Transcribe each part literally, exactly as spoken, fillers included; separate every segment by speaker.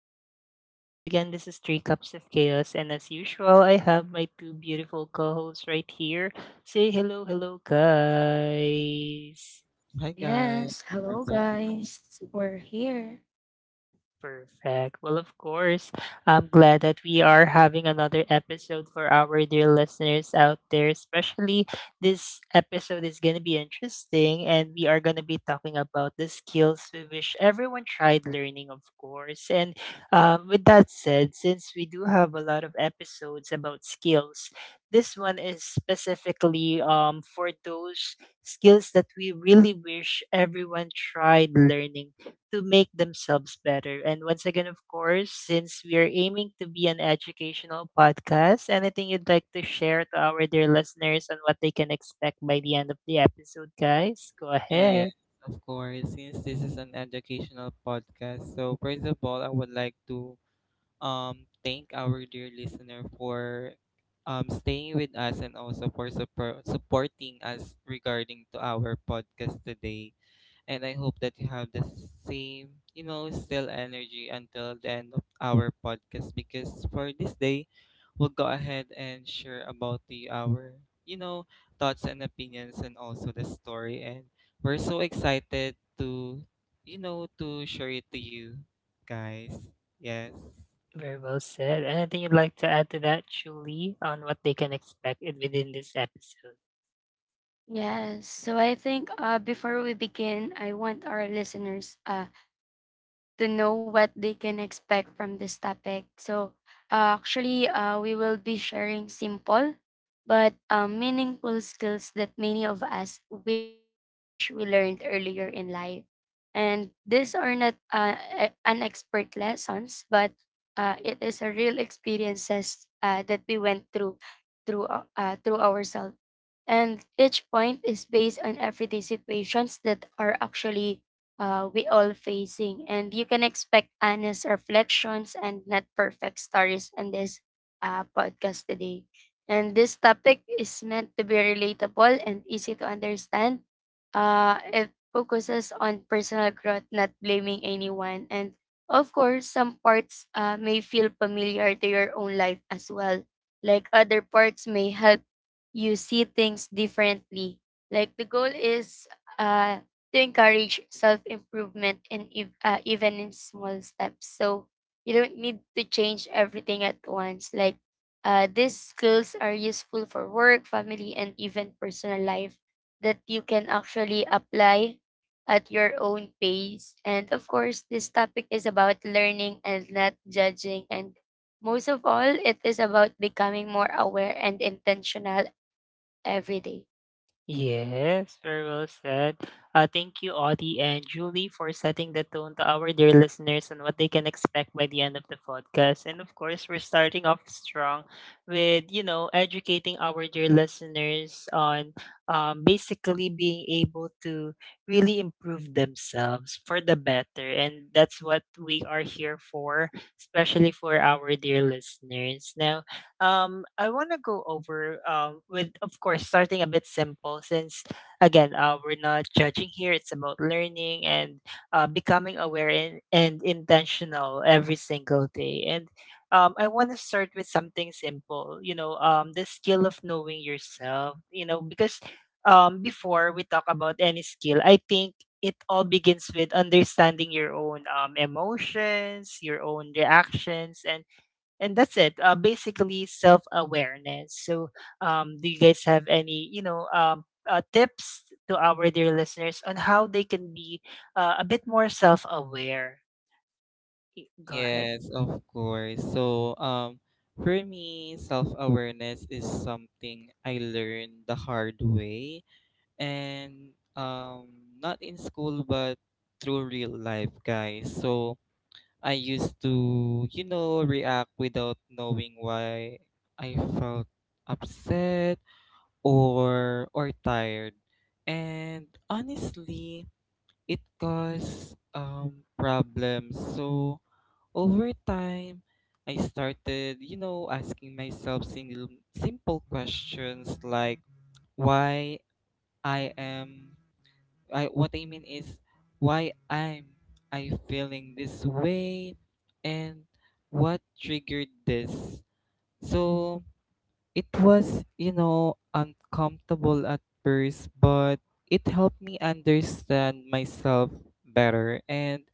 Speaker 1: podcast. Once again, this is Three Cups of Chaos, and as usual, I have my two beautiful co hosts right here. Say hello, hello, guys.
Speaker 2: Hi guys,
Speaker 3: Yes,
Speaker 2: we're
Speaker 3: hello
Speaker 2: back.
Speaker 3: guys. We're here.
Speaker 1: Perfect. Well, of course, I'm glad that we are having another episode for our dear listeners out there. Especially this episode is going to be interesting, and we are going to be talking about the skills we wish everyone tried learning, of course. And um, With that said, since we do have a lot of episodes about skills, this one is specifically um, for those skills that we really wish everyone tried learning to make themselves better. And once again, of course, since we are aiming to be an educational podcast, anything you'd like to share to our dear listeners on what they can expect by the end of the episode, guys? Go ahead.
Speaker 2: Yes, of course. Since this is an educational podcast, so first of all, I would like to um thank our dear listener for um staying with us and also for support supporting us regarding to our podcast today. And I hope that you have the same, you know, still energy until the end of our podcast because for this day, we'll go ahead and share about the our, you know, thoughts and opinions and also the story, and we're so excited to, you know, to share it to you guys. Yes.
Speaker 1: Very well said. Anything you'd like to add to that, Julie, on what they can expect in- within this episode?
Speaker 3: Yes. So I think uh, before we begin, I want our listeners uh, to know what they can expect from this topic. So, uh, actually, uh, we will be sharing simple but uh, meaningful skills that many of us wish we learned earlier in life. And these are not uh, e- an expert lessons, but uh, it is a real experiences uh, that we went through through uh, uh, through ourselves and each point is based on everyday situations that are actually uh, we all facing, and you can expect honest reflections and not perfect stories in this uh, podcast today. And this topic is meant to be relatable and easy to understand. Uh, it focuses on personal growth, not blaming anyone, and of course some parts uh, may feel familiar to your own life as well, like other parts may help you see things differently. Like the goal is uh, to encourage self improvement and ev- uh, even in small steps. So you don't need to change everything at once. Like uh, these skills are useful for work, family, and even personal life that you can actually apply at your own pace. And of course, this topic is about learning and not judging, and most of all, it is about becoming more aware and intentional every day.
Speaker 1: Yes, very well said. Uh, thank you, Audie and Julie, for setting the tone to our dear listeners on what they can expect by the end of the podcast. And of course, we're starting off strong with, you know, educating our dear listeners on um, basically being able to really improve themselves for the better. And that's what we are here for, especially for our dear listeners. Now, um, I want to go over um, with, of course, starting a bit simple since, again, uh, we're not judging here. It's about learning and uh, becoming aware and, and intentional every single day. And um, I want to start with something simple, you know, um, the skill of knowing yourself, you know, because um, before we talk about any skill, I think it all begins with understanding your own um, emotions, your own reactions, and and that's it. Uh, basically, self awareness. So, um, do you guys have any, you know, um, uh, tips to our dear listeners on how they can be uh, a bit more self aware? Go ahead.
Speaker 2: Yes, of course. So, um, for me, self awareness is something I learned the hard way and um not in school but through real life, guys. So I used to, you know react without knowing why I felt upset or or tired, and honestly it caused um problems. So over time, I started, you know asking myself single simple questions like, why I am I what I mean is why I'm I feeling this way and what triggered this. So it was, you know, uncomfortable at first, but it helped me understand myself better. And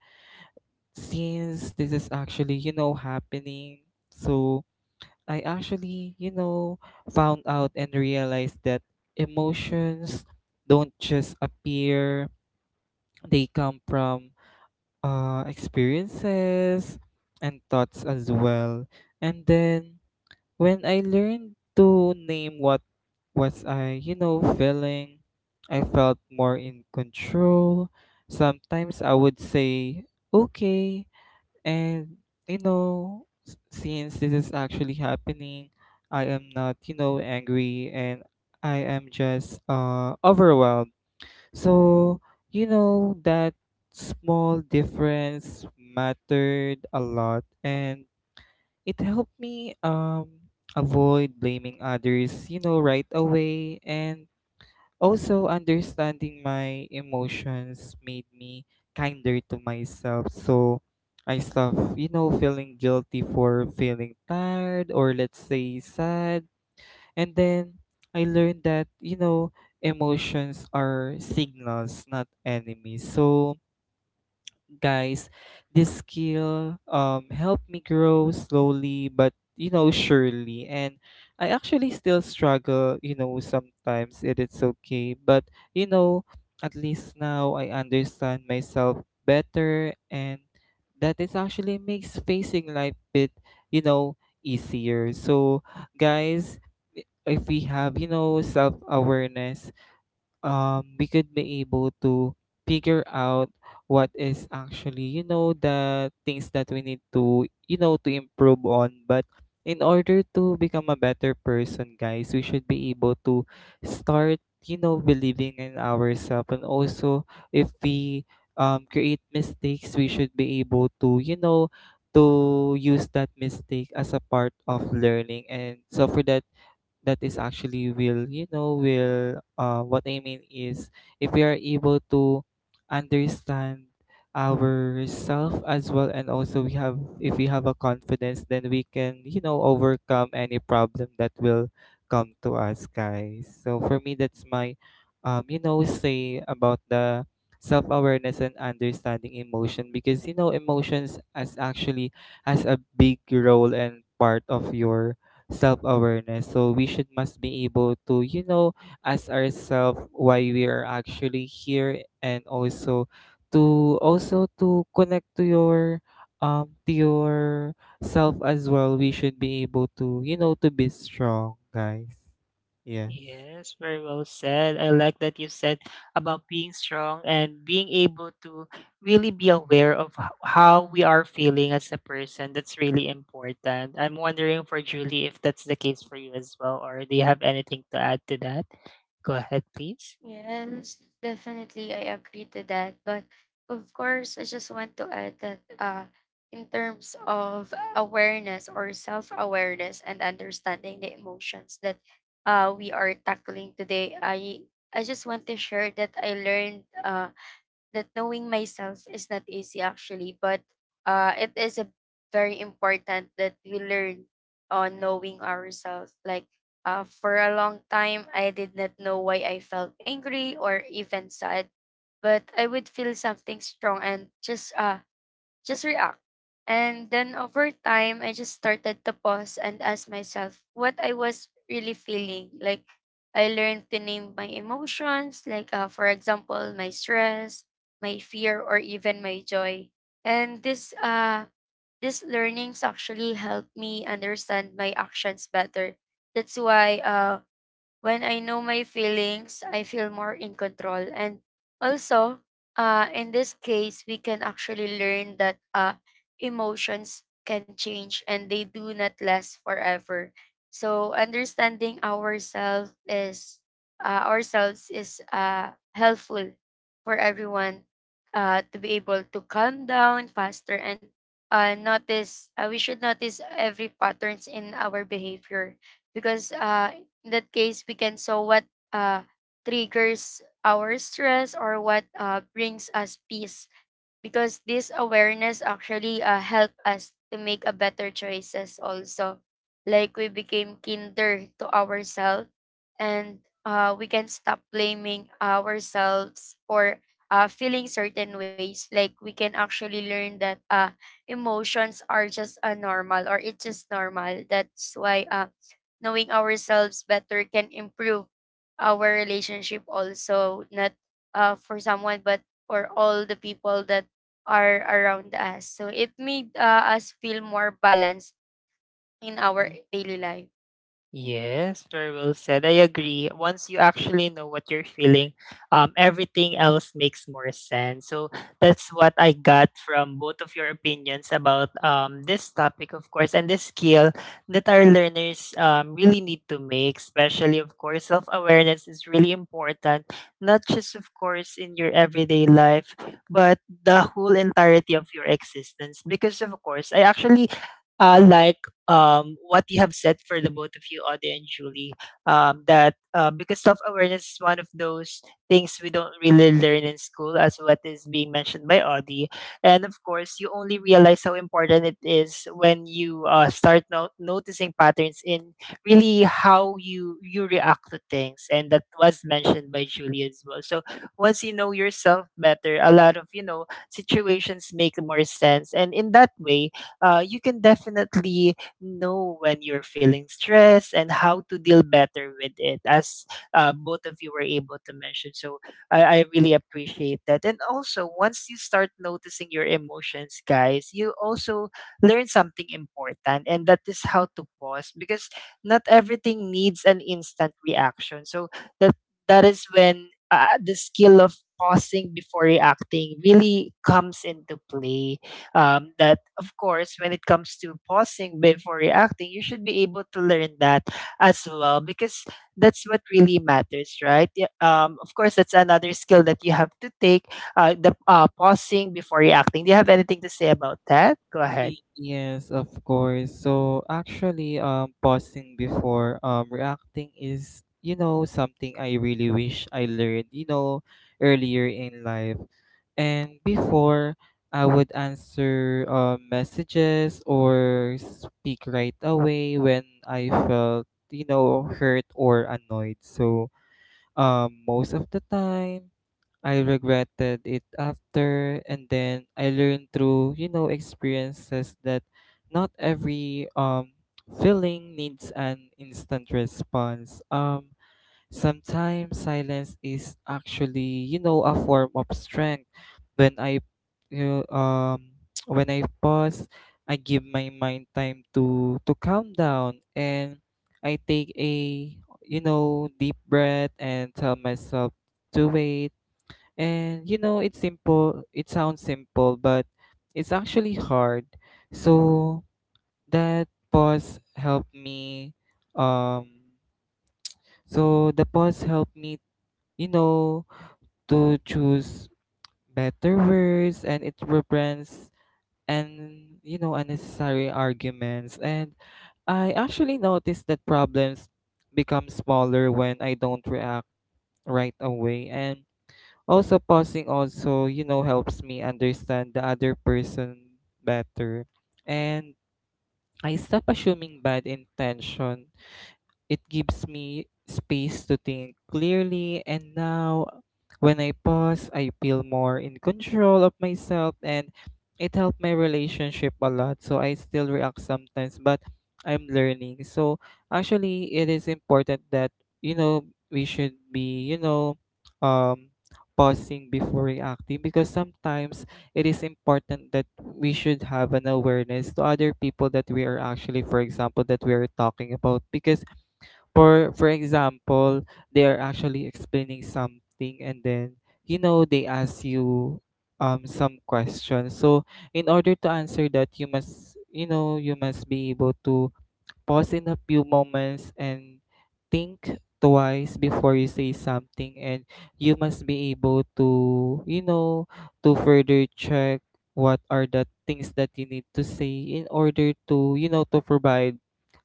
Speaker 2: since this is actually, you know, happening, so I actually, you know, found out and realized that emotions don't just appear, they come from uh, experiences and thoughts as well. And then, when I learned to name what was I, you know, feeling, I felt more in control. Sometimes I would say, okay, and you know, s- since this is actually happening, I am not, you know, angry, and I am just uh, overwhelmed. So, you know, that small difference mattered a lot, and it helped me um avoid blaming others, you know, right away. And also, understanding my emotions made me kinder to myself. So I stopped, you know, feeling guilty for feeling tired, or let's say sad. And then I learned that, you know, emotions are signals, not enemies. So, guys, this skill um helped me grow slowly but, you know surely. And I actually still struggle. You know, sometimes it is okay, but, you know, at least now I understand myself better, and that is actually makes facing life bit, you know, easier. So, guys, i- if we have, you know, self awareness, um, we could be able to figure out what is actually, you know, the things that we need to, you know, to improve on. But in order to become a better person, guys, we should be able to start, you know, believing in ourselves. And also, if we um, create mistakes, we should be able to, you know, to use that mistake as a part of learning. And so for that, that is actually will you know will uh what I mean is, if we are able to understand ourself as well, and also we have if we have a confidence, then we can, you know overcome any problem that will come to us, guys. So for me, that's my um you know say about the self-awareness and understanding emotion, because, you know emotions as actually has a big role and part of your self-awareness. So we should must be able to, you know ask ourselves why we are actually here, and also to also to connect to your um to your self as well. We should be able to, you know to be strong, guys. Yes.
Speaker 1: Yes, very well said. I like that you said about being strong and being able to really be aware of h- how we are feeling as a person. That's really important. I'm wondering for Julie if that's the case for you as well, or do you have anything to add to that? Go ahead, please.
Speaker 3: Yes, definitely I agree to that. But of course, I just want to add that uh in terms of awareness or self-awareness and understanding the emotions that uh we are tackling today, I I just want to share that I learned uh that knowing myself is not easy actually, but uh, it is a very important that we learn on knowing ourselves. Like uh, for a long time, I did not know why I felt angry or even sad, but I would feel something strong and just uh, just react. And then over time, I just started to pause and ask myself what I was really feeling. Like, I learned to name my emotions, like, uh, for example, my stress, my fear, or even my joy. And this, uh, these learnings actually helped me understand my actions better. That's why uh, when I know my feelings, I feel more in control. And also, uh, in this case, we can actually learn that uh, emotions can change and they do not last forever. So understanding ourselves is uh, ourselves is uh, helpful for everyone uh, to be able to calm down faster and uh, notice uh, we should notice every patterns in our behavior because uh, in that case, we can saw what uh, triggers our stress or what uh, brings us peace. Because this awareness actually uh, helped us to make a better choices also, like we became kinder to ourselves and uh, we can stop blaming ourselves or uh, feeling certain ways, like we can actually learn that uh, emotions are just a normal or it's just normal. That's why uh, knowing ourselves better can improve our relationship also, not uh, for someone but for all the people that are around us, so it made uh, us feel more balanced in
Speaker 1: う
Speaker 3: our daily life.
Speaker 1: Yes, very well said. I agree. Once you actually know what you're feeling, um, everything else makes more sense. So that's what I got from both of your opinions about um, this topic, of course, and this skill that our learners um, really need to make, especially, of course, self awareness is really important, not just, of course, in your everyday life, but the whole entirety of your existence. Because, of course, I actually uh, like um, what you have said for the both of you, Audie and Julie, um, that uh, because self awareness is one of those things we don't really learn in school, as what is being mentioned by Audie. And of course, you only realize how important it is when you uh, start no- noticing patterns in really how you you react to things, and that was mentioned by Julie as well. So once you know yourself better, a lot of you know situations make more sense, and in that way, uh, you can definitely know when you're feeling stressed and how to deal better with it, as uh, both of you were able to mention. So I, I really appreciate that. And also, once you start noticing your emotions, guys, you also learn something important, and that is how to pause because not everything needs an instant reaction. So that that is when uh, the skill of pausing before reacting really comes into play, um, that of course when it comes to pausing before reacting you should be able to learn that as well because that's what really matters, right? Yeah, um, of course that's another skill that you have to take, uh, the uh, pausing before reacting. Do you have anything to say about that? Go ahead.
Speaker 2: Eh, Yes, of course. So actually, um, pausing before um reacting is, you know, something I really wish I learned, you know, earlier in life. And before, I would answer uh, messages or speak right away when I felt, you know, hurt or annoyed. So, um, most of the time, I regretted it after. And then I learned through, you know experiences that not every um feeling needs an instant response. Um, sometimes silence is actually, you know a form of strength. When I you know, um when I pause, I give my mind time to to calm down, and I take a, you know deep breath and tell myself to wait. And, you know, it's simple, it sounds simple, but it's actually hard. So that pause helped me um so the pause helped me, you know, to choose better words, and it prevents and you know unnecessary arguments. And I actually noticed that problems become smaller when I don't react right away. And also, pausing also, you know, helps me understand the other person better. And I stop assuming bad intention. It gives me space to think clearly, and now when I pause, I feel more in control of myself, and it helped my relationship a lot. So I still react sometimes, but I'm learning. So actually, it is important that, you know we should be, you know um pausing before reacting, because sometimes it is important that we should have an awareness to other people that we are actually for example that we are talking about. Because for for example, they are actually explaining something, and then, you know they ask you um some questions. So in order to answer that, you must you know you must be able to pause in a few moments and think twice before you say something. And you must be able to you know to further check what are the things that you need to say, in order to you know to provide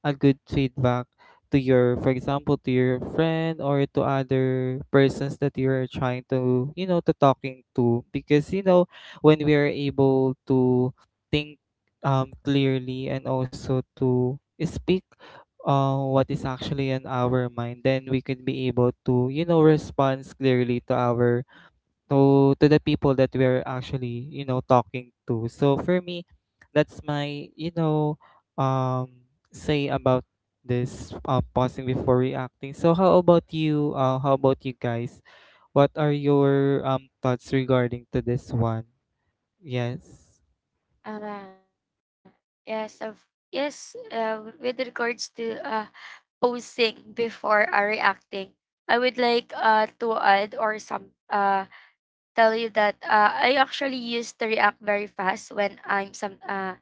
Speaker 2: a good feedback to your for example to your friend, or to other persons that you're trying to you know to talking to. Because, you know when we are able to think, um, clearly, and also to speak, uh, what is actually in our mind, then we could be able to, you know respond clearly to our to to the people that we're actually, you know talking to. So for me, that's my, you know um say about this, uh, pausing before reacting. So how about you, uh, how about you, guys? What are your um thoughts regarding to this one? Yes.
Speaker 3: uh, yes of yes, uh, with regards to uh, posing before uh, reacting, I would like uh, to add or some uh, tell you that uh, I actually used to react very fast when I'm some uh,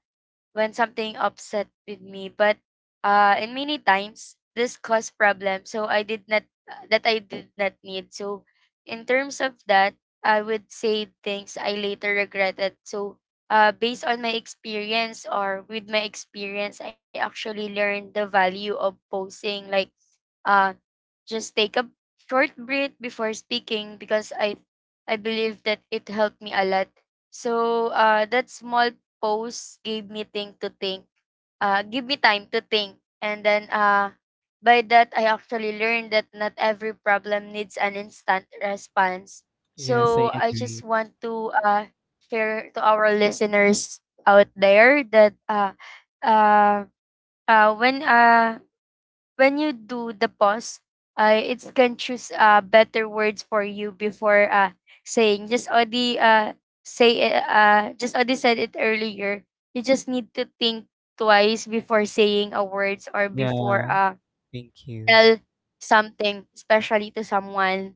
Speaker 3: when something upset with me, but uh and many times this caused problems so I did not uh, that I did not need. So in terms of that, I would say things I later regretted. So uh based on my experience, or with my experience, I actually learned the value of posing like, uh just take a short breath before speaking, because I I believe that it helped me a lot. So uh, that small pause gave me thing to think, uh, give me time to think, and then uh, by that I actually learned that not every problem needs an instant response.
Speaker 2: Yes, I
Speaker 3: So I just
Speaker 2: agree.
Speaker 3: want to uh, share to our listeners out there that uh, uh, uh, when uh, when you do the pause, uh, it can choose uh, better words for you before uh, saying. Just already uh, say it, uh, just already said it earlier. You just need to think twice before saying a words or before
Speaker 2: Yeah.
Speaker 3: uh,
Speaker 2: Thank you.
Speaker 3: tell something, especially to someone.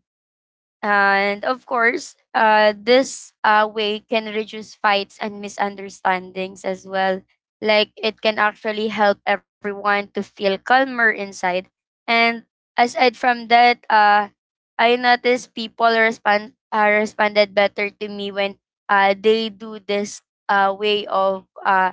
Speaker 3: And of course, uh, this uh, way can reduce fights and misunderstandings as well. Like, it can actually help everyone to feel calmer inside. And aside from that, uh, I noticed people respond uh, responded better to me when uh, they do this uh, way of uh,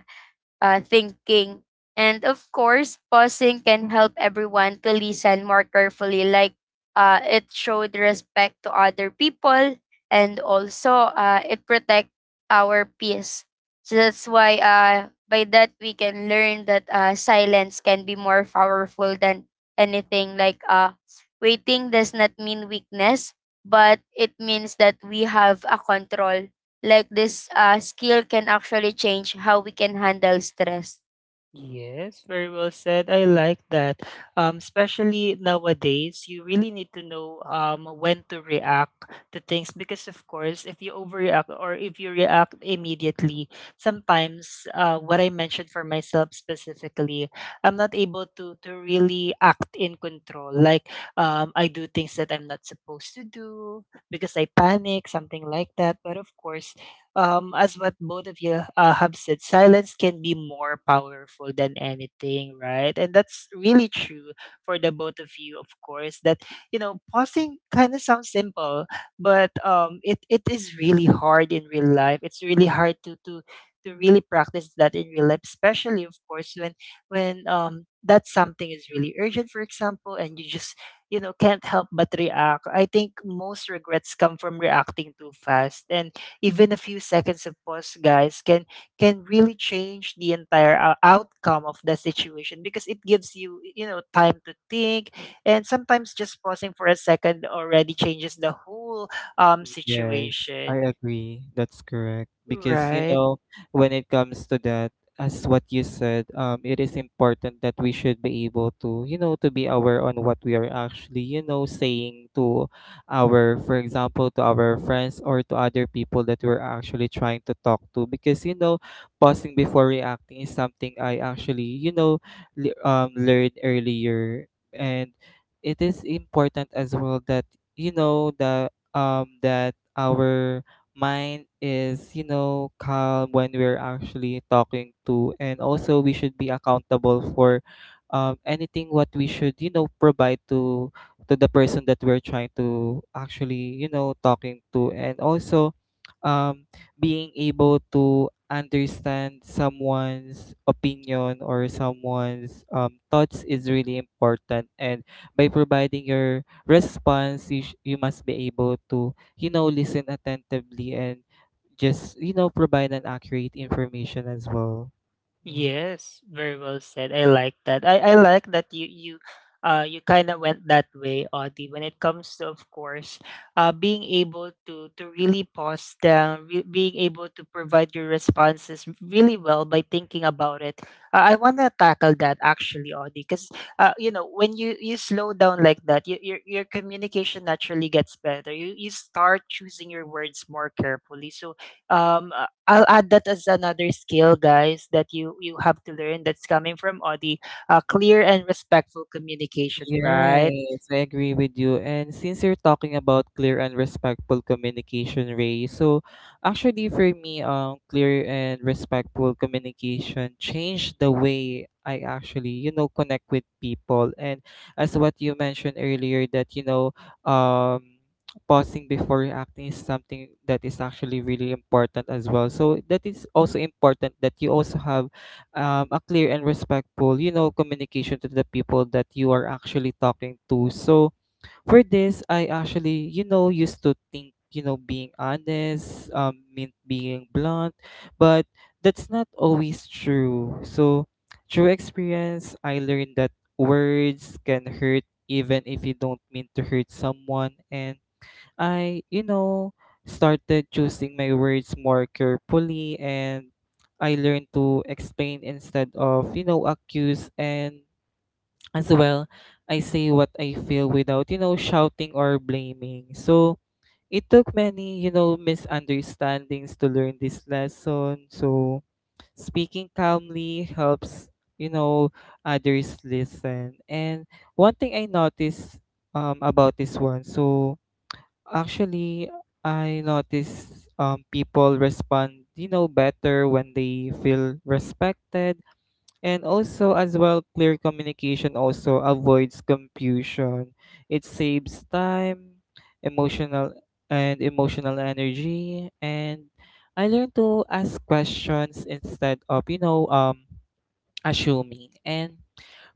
Speaker 3: uh, thinking. And of course, pausing can help everyone to listen more carefully. Like uh, it showed respect to other people, and also uh, it protect our peace. So that's why uh, by that we can learn that uh, silence can be more powerful than anything. Like uh, waiting does not mean weakness, but it means that we have a control. Like this uh, skill can actually change how we can handle stress.
Speaker 1: Yes, very well said. I like that. Um, especially nowadays, you really need to know um when to react to things because, of course, if you overreact or if you react immediately, sometimes uh, what I mentioned for myself specifically, I'm not able to to really act in control. Like um, I do things that I'm not supposed to do because I panic, something like that. But of course, um, as what both of you uh, have said, silence can be more powerful than anything, right? And that's really true for the both of you, of course. That you know, pausing kind of sounds simple, but um, it it is really hard in real life. It's really hard to to to really practice that in real life, especially of course when when um that something is really urgent, for example, and you just you know can't help but react. I think most regrets come from reacting too fast and even a few seconds of pause guys can can really change the entire ou- outcome of the situation because it gives you you know time to think and sometimes just pausing for a second already changes the whole um
Speaker 2: Yes,
Speaker 1: situation,
Speaker 2: I agree. That's correct. Because, you
Speaker 1: right?
Speaker 2: know, when it comes to that, as what you said, um, it is important that we should be able to, you know, to be aware on what we are actually, you know, saying to our, for example, to our friends, or to other people that we're actually trying to talk to. Because, you know, pausing before reacting is something I actually, you know, le- um, learned earlier. And it is important as well that, you know, the um, that our mind is, you know, calm when we're actually talking to. And also, we should be accountable for, um, anything what we should, you know, provide to to the person that we're trying to actually, you know, talking to. And also, um, being able to understand someone's opinion or someone's, um, thoughts is really important. And by providing your response, you sh you must be able to, you know, listen attentively, and just, you know, provide an accurate information as well. Yeah.
Speaker 1: Yes, very well said. I like that. I, I like that you you uh you kind of went that way, Audie, when it comes to, of course, uh being able to to really pause down, re- being able to provide your responses really well by thinking about it. Uh, I want to tackle that actually, Audie, because uh you know when you you slow down like that, you, your your communication naturally gets better. You you start choosing your words more carefully, so um uh, I'll add that as another skill guys that you you have to learn that's coming from Audi, uh, clear and respectful communication, right?
Speaker 2: Yes, I agree with you. And since you're talking about clear and respectful communication, Ray, so actually for me, um, clear and respectful communication changed the way I actually, you know, connect with people. And as what you mentioned earlier, that you know, um, pausing before acting is something that is actually really important as well. So that is also important that you also have, um, a clear and respectful, you know, communication to the people that you are actually talking to. So for this, I actually, you know, used to think, you know, being honest, um, meant being blunt, but that's not always true. So through experience, I learned that words can hurt even if you don't mean to hurt someone. And I, you know, started choosing my words more carefully, and I learned to explain instead of, you know, accuse. And as well, I say what I feel without, you know, shouting or blaming. So it took many, you know, misunderstandings to learn this lesson. So speaking calmly helps, you know, others listen. And one thing I noticed um about this one. So actually, I notice um, people respond, you know, better when they feel respected. And also, as well, clear communication also avoids confusion. It saves time, emotional and emotional energy. And I learn to ask questions instead of, you know, um, assuming, and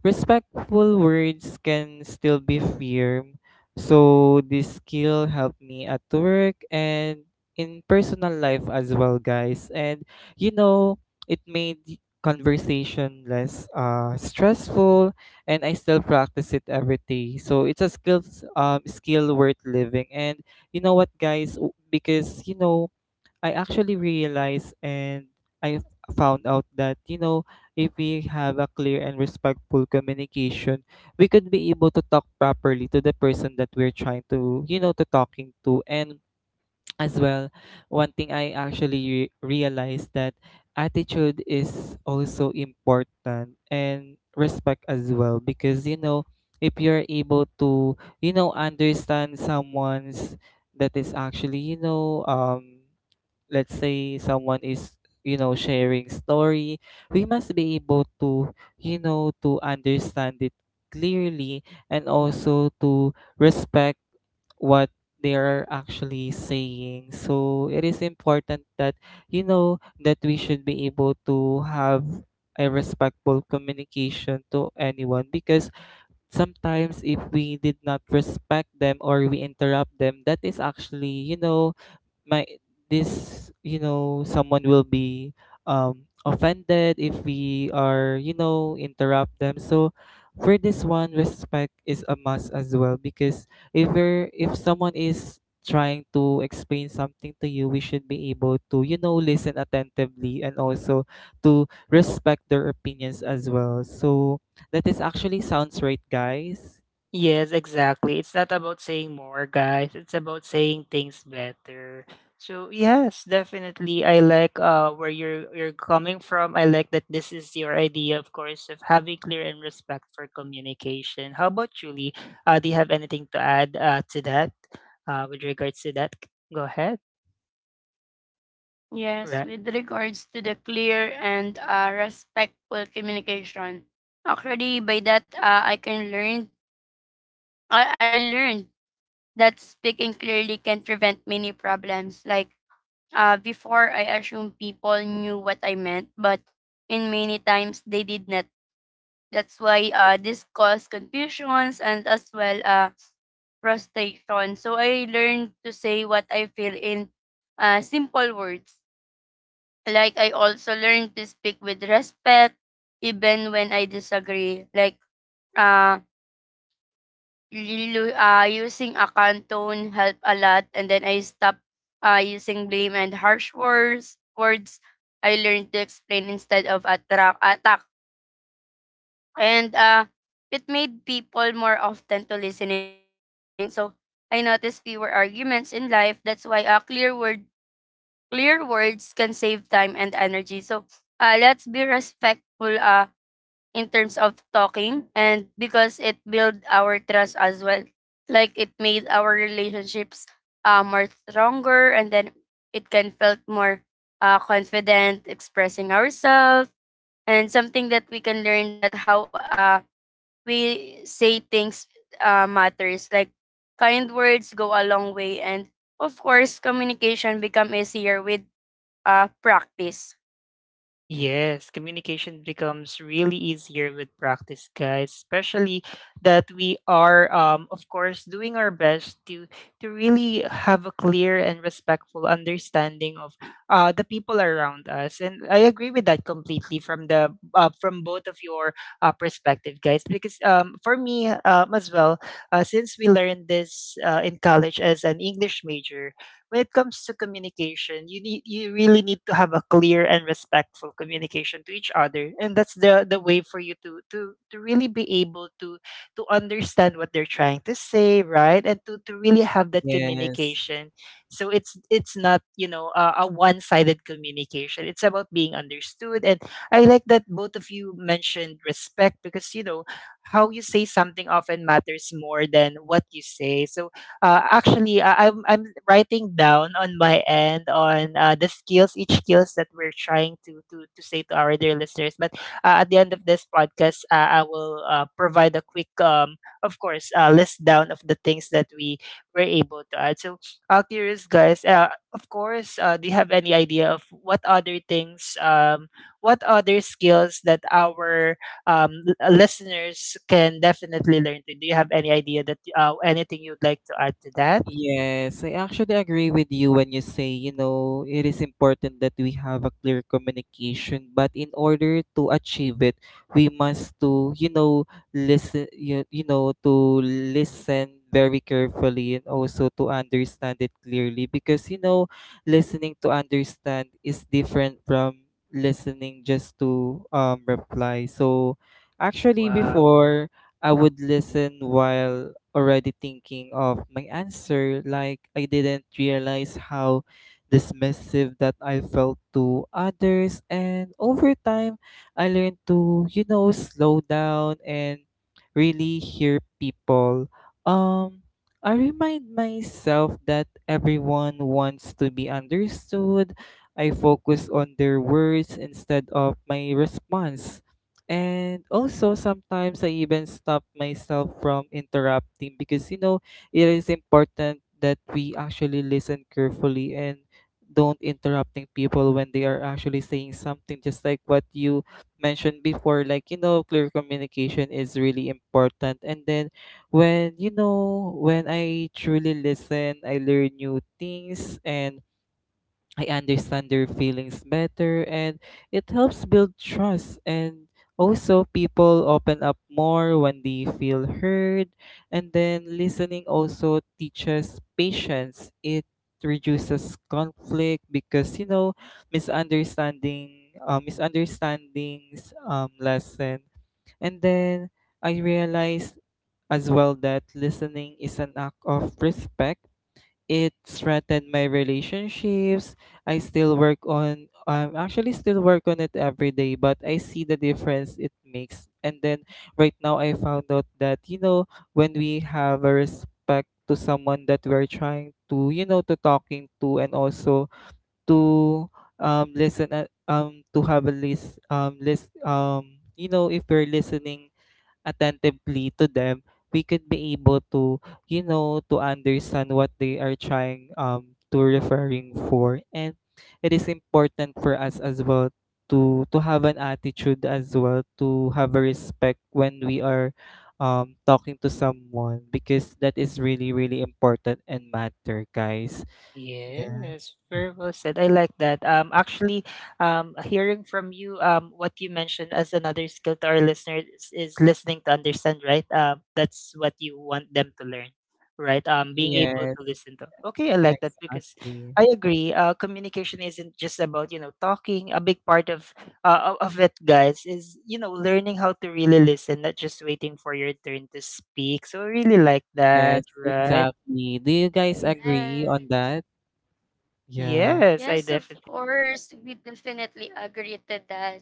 Speaker 2: respectful words can still be firm. So this skill helped me at work and in personal life as well, guys. And, you know it made the conversation less, uh, stressful. And I still practice it every day, so it's a skill um, skill worth living. And you know what, guys? W- because, you know I actually realized. And I found out that, you know, if we have a clear and respectful communication, we could be able to talk properly to the person that we're trying to, you know, to talking to. And as well, one thing I actually re- realized that attitude is also important and respect as well because, you know, if you're able to, you know, understand someone's that is actually, you know, um let's say someone is you know sharing story. We must be able to, you know to understand it clearly, and also to respect what they are actually saying. So it is important that, you know that we should be able to have a respectful communication to anyone, because sometimes if we did not respect them or we interrupt them, that is actually, you know my this you know someone will be um offended if we are, you know interrupt them. So for this one, respect is a must as well, because if we're if someone is trying to explain something to you, we should be able to, you know listen attentively, and also to respect their opinions as well. So that is actually sounds right, guys.
Speaker 1: Yes, exactly. It's not about saying more, guys. It's about saying things better. So yes, definitely. I like uh where you're you're coming from. I like that this is your idea, of course, of having clear and respect for communication. How about Julie? Lee? Uh, do you have anything to add uh, to that? Uh, with regards to that, go ahead.
Speaker 3: Yes,
Speaker 1: Right.
Speaker 3: with regards to the clear and uh, respectful communication. Actually, by that, uh, I can learn, I, I learned that speaking clearly can prevent many problems. Like, uh, before I assumed people knew what I meant, but in many times they did not. That's why uh, this caused confusions and as well uh, frustration. So I learned to say what I feel in uh, simple words. Like, I also learned to speak with respect even when I disagree. Like uh, lilu- uh using a calm tone helped a lot, and then I stopped uh, using blame and harsh words. Words I learned to explain instead of attract attack, and uh, it made people more often to listening. So I noticed fewer arguments in life. That's why uh, clear word clear words can save time and energy. So uh, let's be respectful uh, in terms of talking, and because it build our trust as well. Like, it made our relationships uh, more stronger, and then it can felt more uh, confident expressing ourselves, and something that we can learn that how uh, we say things uh, matters. Like, kind words go a long way, and of course, communication become easier with uh, practice.
Speaker 1: Yes, communication becomes really easier with practice, guys. Especially that we are, um, of course, doing our best to to really have a clear and respectful understanding of uh, the people around us. And I agree with that completely from the uh, from both of your uh, perspective, guys. Because um, for me um, as well, uh, since we learned this uh, in college as an English major, when it comes to communication, you need you really need to have a clear and respectful communication to each other, and that's the the way for you to to to really be able to to understand what they're trying to say, right? And to to really have that
Speaker 2: Yes.
Speaker 1: communication. So it's it's not you know a, a one sided communication. It's about being understood, and I like that both of you mentioned respect because you know how you say something often matters more than what you say. So uh, actually uh, I'm I'm writing down on my end on uh, the skills, each skills that we're trying to to to say to our dear listeners. But uh, at the end of this podcast, uh, I will uh, provide a quick, um, of course, uh, list down of the things that we were able to add. So, uh, curious guys, uh, of course, uh, do you have any idea of what other things, um, what other skills that our um, l- uh, listeners can definitely learn to? Do you have any idea that uh, anything you'd like to add to that?
Speaker 2: Yes, I actually agree with you when you say, you know, it is important that we have a clear communication, but in order to achieve it, we must to, you know, listen, you, you know, to listen very carefully and also to understand it clearly because, you know, listening to understand is different from listening just to um reply. So, actually
Speaker 1: Wow.
Speaker 2: before, I would listen while already thinking of my answer. Like, I didn't realize how dismissive that I felt to others. And over time, I learned to, you know, slow down and really hear people. Um, I remind myself that everyone wants to be understood. I focus on their words instead of my response. And also sometimes I even stop myself from interrupting, because you know it is important that we actually listen carefully and don't interrupting people when they are actually saying something, just like what you mentioned before. Like, you know clear communication is really important. And then when you know when I truly listen, I learn new things and I understand their feelings better, and it helps build trust, and also people open up more when they feel heard. And then listening also teaches patience. It reduces conflict, because you know misunderstanding uh, misunderstandings um, lessen. And then I realized as well that listening is an act of respect. It threatened my relationships. I still work on I'm actually still work on it every day, but I see the difference it makes. And then right now, I found out that, you know, when we have a respect to someone that we're trying to, you know, to talking to, and also to um listen at, um to have a list um list um you know if we're listening attentively to them, we could be able to, you know, to understand what they are trying um to referring for. And it is important for us as well to to have an attitude as well, to have a respect when we are um talking to someone, because that is really, really important and matter, guys. Yeah.
Speaker 1: Yes, very well said. I like that. Um, actually, um, hearing from you, um, what you mentioned as another skill to our listeners is, is listening to understand, right? Um, that's what you want them to learn, right? Um, being able
Speaker 2: Yes,
Speaker 1: to listen to. Okay, I like that because
Speaker 2: exactly.
Speaker 1: I agree. Uh, communication isn't just about you know talking. A big part of uh, o- of it, guys, is you know learning how to really listen, not just waiting for your turn to speak. So I really like
Speaker 2: Yes,
Speaker 1: that, right?
Speaker 2: exactly. Do you guys
Speaker 3: Yes.
Speaker 2: agree on that? Yeah,
Speaker 1: Yes, I
Speaker 3: Yes, of
Speaker 1: definitely.
Speaker 3: course. We definitely agree to that.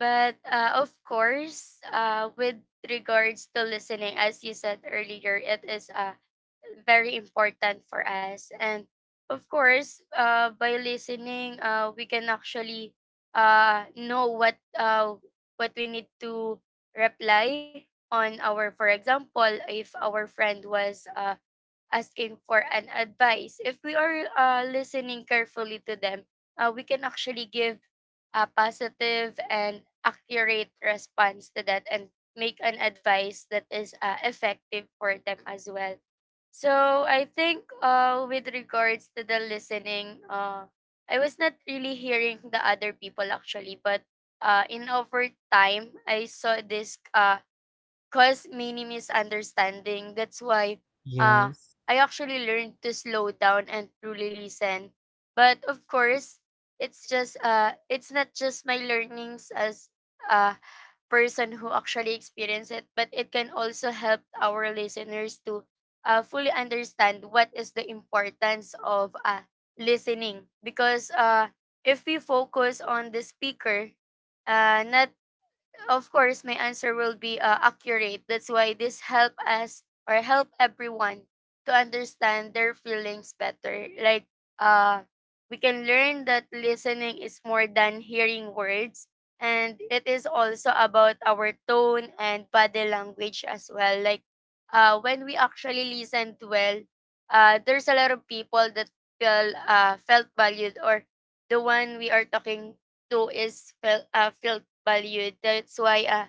Speaker 3: But uh, of course, uh, with regards to listening, as you said earlier, it is uh, very important for us. And of course, uh, by listening, uh, we can actually uh, know what uh, what we need to reply on our, for example, if our friend was uh, asking for an advice. If we are uh, listening carefully to them, uh, we can actually give a positive and accurate response to that and make an advice that is uh, effective for them as well. So I think uh, with regards to the listening, uh, I was not really hearing the other people actually, but uh, in over time, I saw this uh, cause many misunderstanding. That's why uh,
Speaker 2: yes.
Speaker 3: I actually learned to slow down and truly listen. But of course, it's just uh, it's not just my learnings as a person who actually experienced it, but it can also help our listeners to uh, fully understand what is the importance of uh, listening. Because uh, if we focus on the speaker, uh, not of course my answer will be uh, accurate. That's why this help us or help everyone to understand their feelings better. Like, uh we can learn that listening is more than hearing words, and it is also about our tone and body language as well. Like, uh when we actually listened well, uh there's a lot of people that feel uh felt valued, or the one we are talking too is felt uh, felt valued. That's why uh,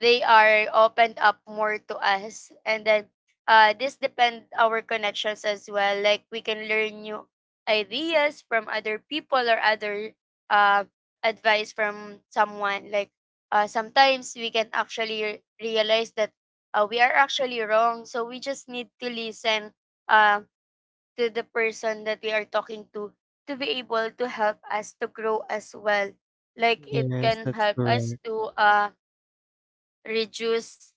Speaker 3: they are opened up more to us, and then uh, this depend our connections as well. Like, we can learn new ideas from other people or other uh, advice from someone. Like uh, sometimes we can actually re- realize that uh, we are actually wrong, so we just need to listen. Um, to the person that we are talking to to be able to help us to grow as well, like it
Speaker 2: Yes,
Speaker 3: can
Speaker 2: that's
Speaker 3: help
Speaker 2: correct.
Speaker 3: us to uh reduce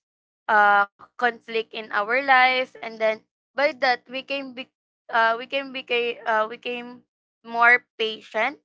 Speaker 3: uh conflict in our life, and then by that we can be uh we can become uh we can more patient.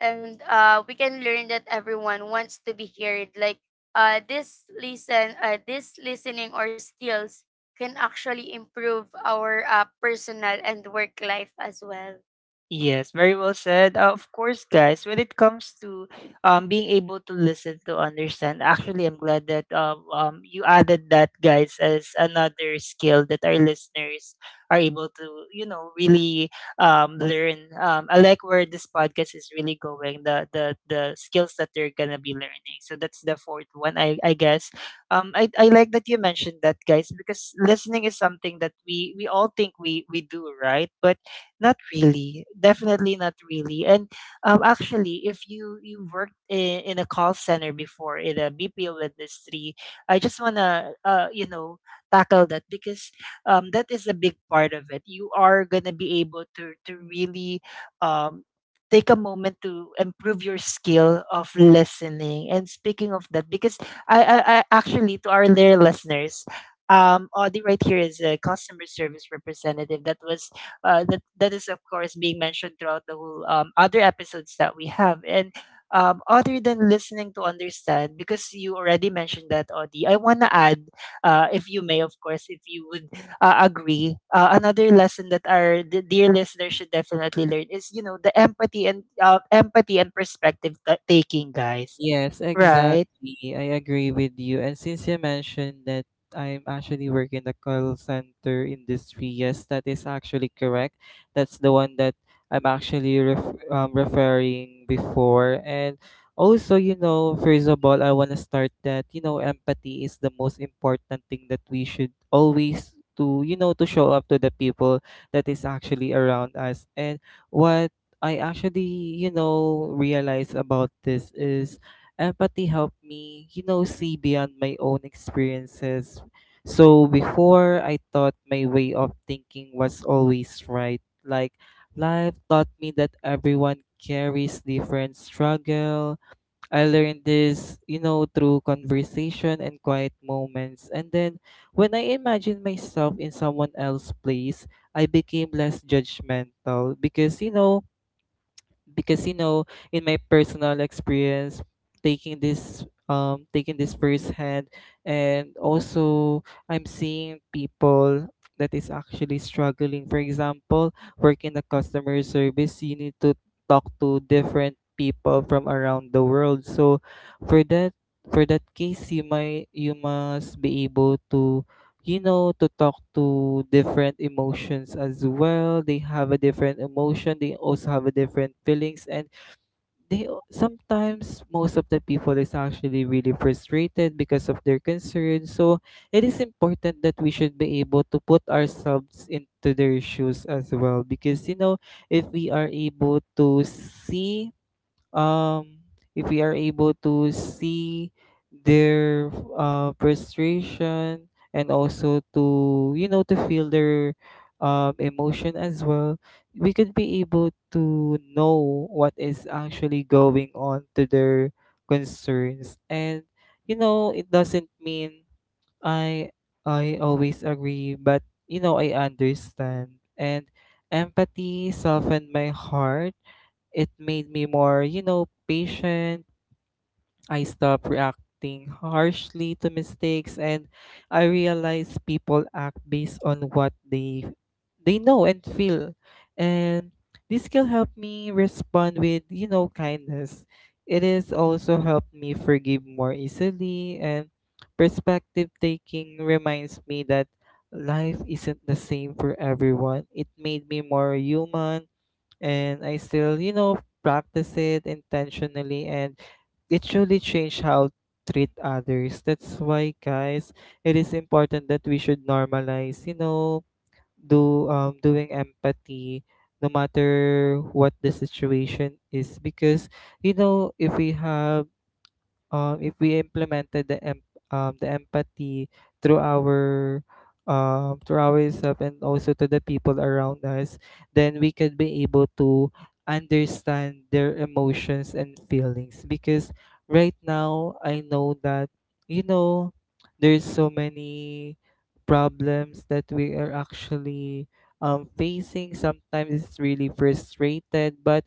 Speaker 3: And uh we can learn that everyone wants to be heard. Like uh this listen uh this listening or skills can actually improve our uh, personal and work life as well.
Speaker 1: Yes, very well said. Uh, of course, guys, when it comes to um, being able to listen to understand, actually, I'm glad that um, um, you added that, guys, as another skill that our listeners are able to, you know, really um, learn. Um, I like where this podcast is really going, the the, the skills that they're going to be learning. So that's the fourth one, I, I guess. Um, I, I like that you mentioned that, guys, because listening is something that we, we all think we, we do, right? But not really. Definitely not really. And um, actually, if you you worked in, in a call center before in a B P O industry, I just wanna uh, you know tackle that because um, that is a big part of it. You are gonna be able to to really um, take a moment to improve your skill of listening. And speaking of that, because I I, I actually to our dear listeners. Um, Audie right here is a customer service representative that was uh, that that is of course being mentioned throughout the whole um, other episodes that we have and um, other than listening to understand because you already mentioned that, Audie. I want to add uh, if you may, of course, if you would uh, agree, uh, another lesson that our d- dear listeners should definitely learn is you know the empathy and uh, empathy and perspective ta- taking, guys,
Speaker 2: Yes,
Speaker 1: right?
Speaker 2: exactly. I agree with you. And since you mentioned that, I'm actually working in the call center industry, yes, that is actually correct. That's the one that I'm actually ref- um, referring before. And also, you know, first of all, I want to start that, you know, empathy is the most important thing that we should always to, you know to show up to the people that is actually around us. And what I actually, you know realize about this is empathy helped me, you know, see beyond my own experiences. So before, I thought my way of thinking was always right. Like, life taught me that everyone carries different struggle. I learned this, you know, through conversation and quiet moments. And then when I imagined myself in someone else's place, I became less judgmental, because, you know, because you know in my personal experience, taking this um taking this firsthand, and also I'm seeing people that is actually struggling. For example, work in the customer service, you need to talk to different people from around the world. So for that for that case, you might you must be able to, you know, to talk to different emotions as well. They have a different emotion. They also have a different feelings, and they al- sometimes most of the people is actually really frustrated because of their concerns. So it is important that we should be able to put ourselves into their shoes as well, because, you know, if we are able to see um, if we are able to see their uh, frustration, and also to, you know to feel their um, emotion as well, we could be able to know what is actually going on to their concerns. And you know it doesn't mean I I always agree, but you know I understand. And empathy softened my heart. It made me more, you know, patient. I stopped reacting harshly to mistakes, and I realized people act based on what they they know and feel. And this skill helped me respond with, you know, kindness. It has also helped me forgive more easily. And perspective taking reminds me that life isn't the same for everyone. It made me more human, and I still, you know, practice it intentionally, and it truly changed how treat others. That's why, guys, it is important that we should normalize, you know, do um doing empathy no matter what the situation is. Because you know if we have um, if we implemented the em- um, the empathy through our um, through ourselves, and also to the people around us, then we could be able to understand their emotions and feelings. Because right now, I know that you know there's so many problems that we are actually um, facing. Sometimes it's really frustrated, but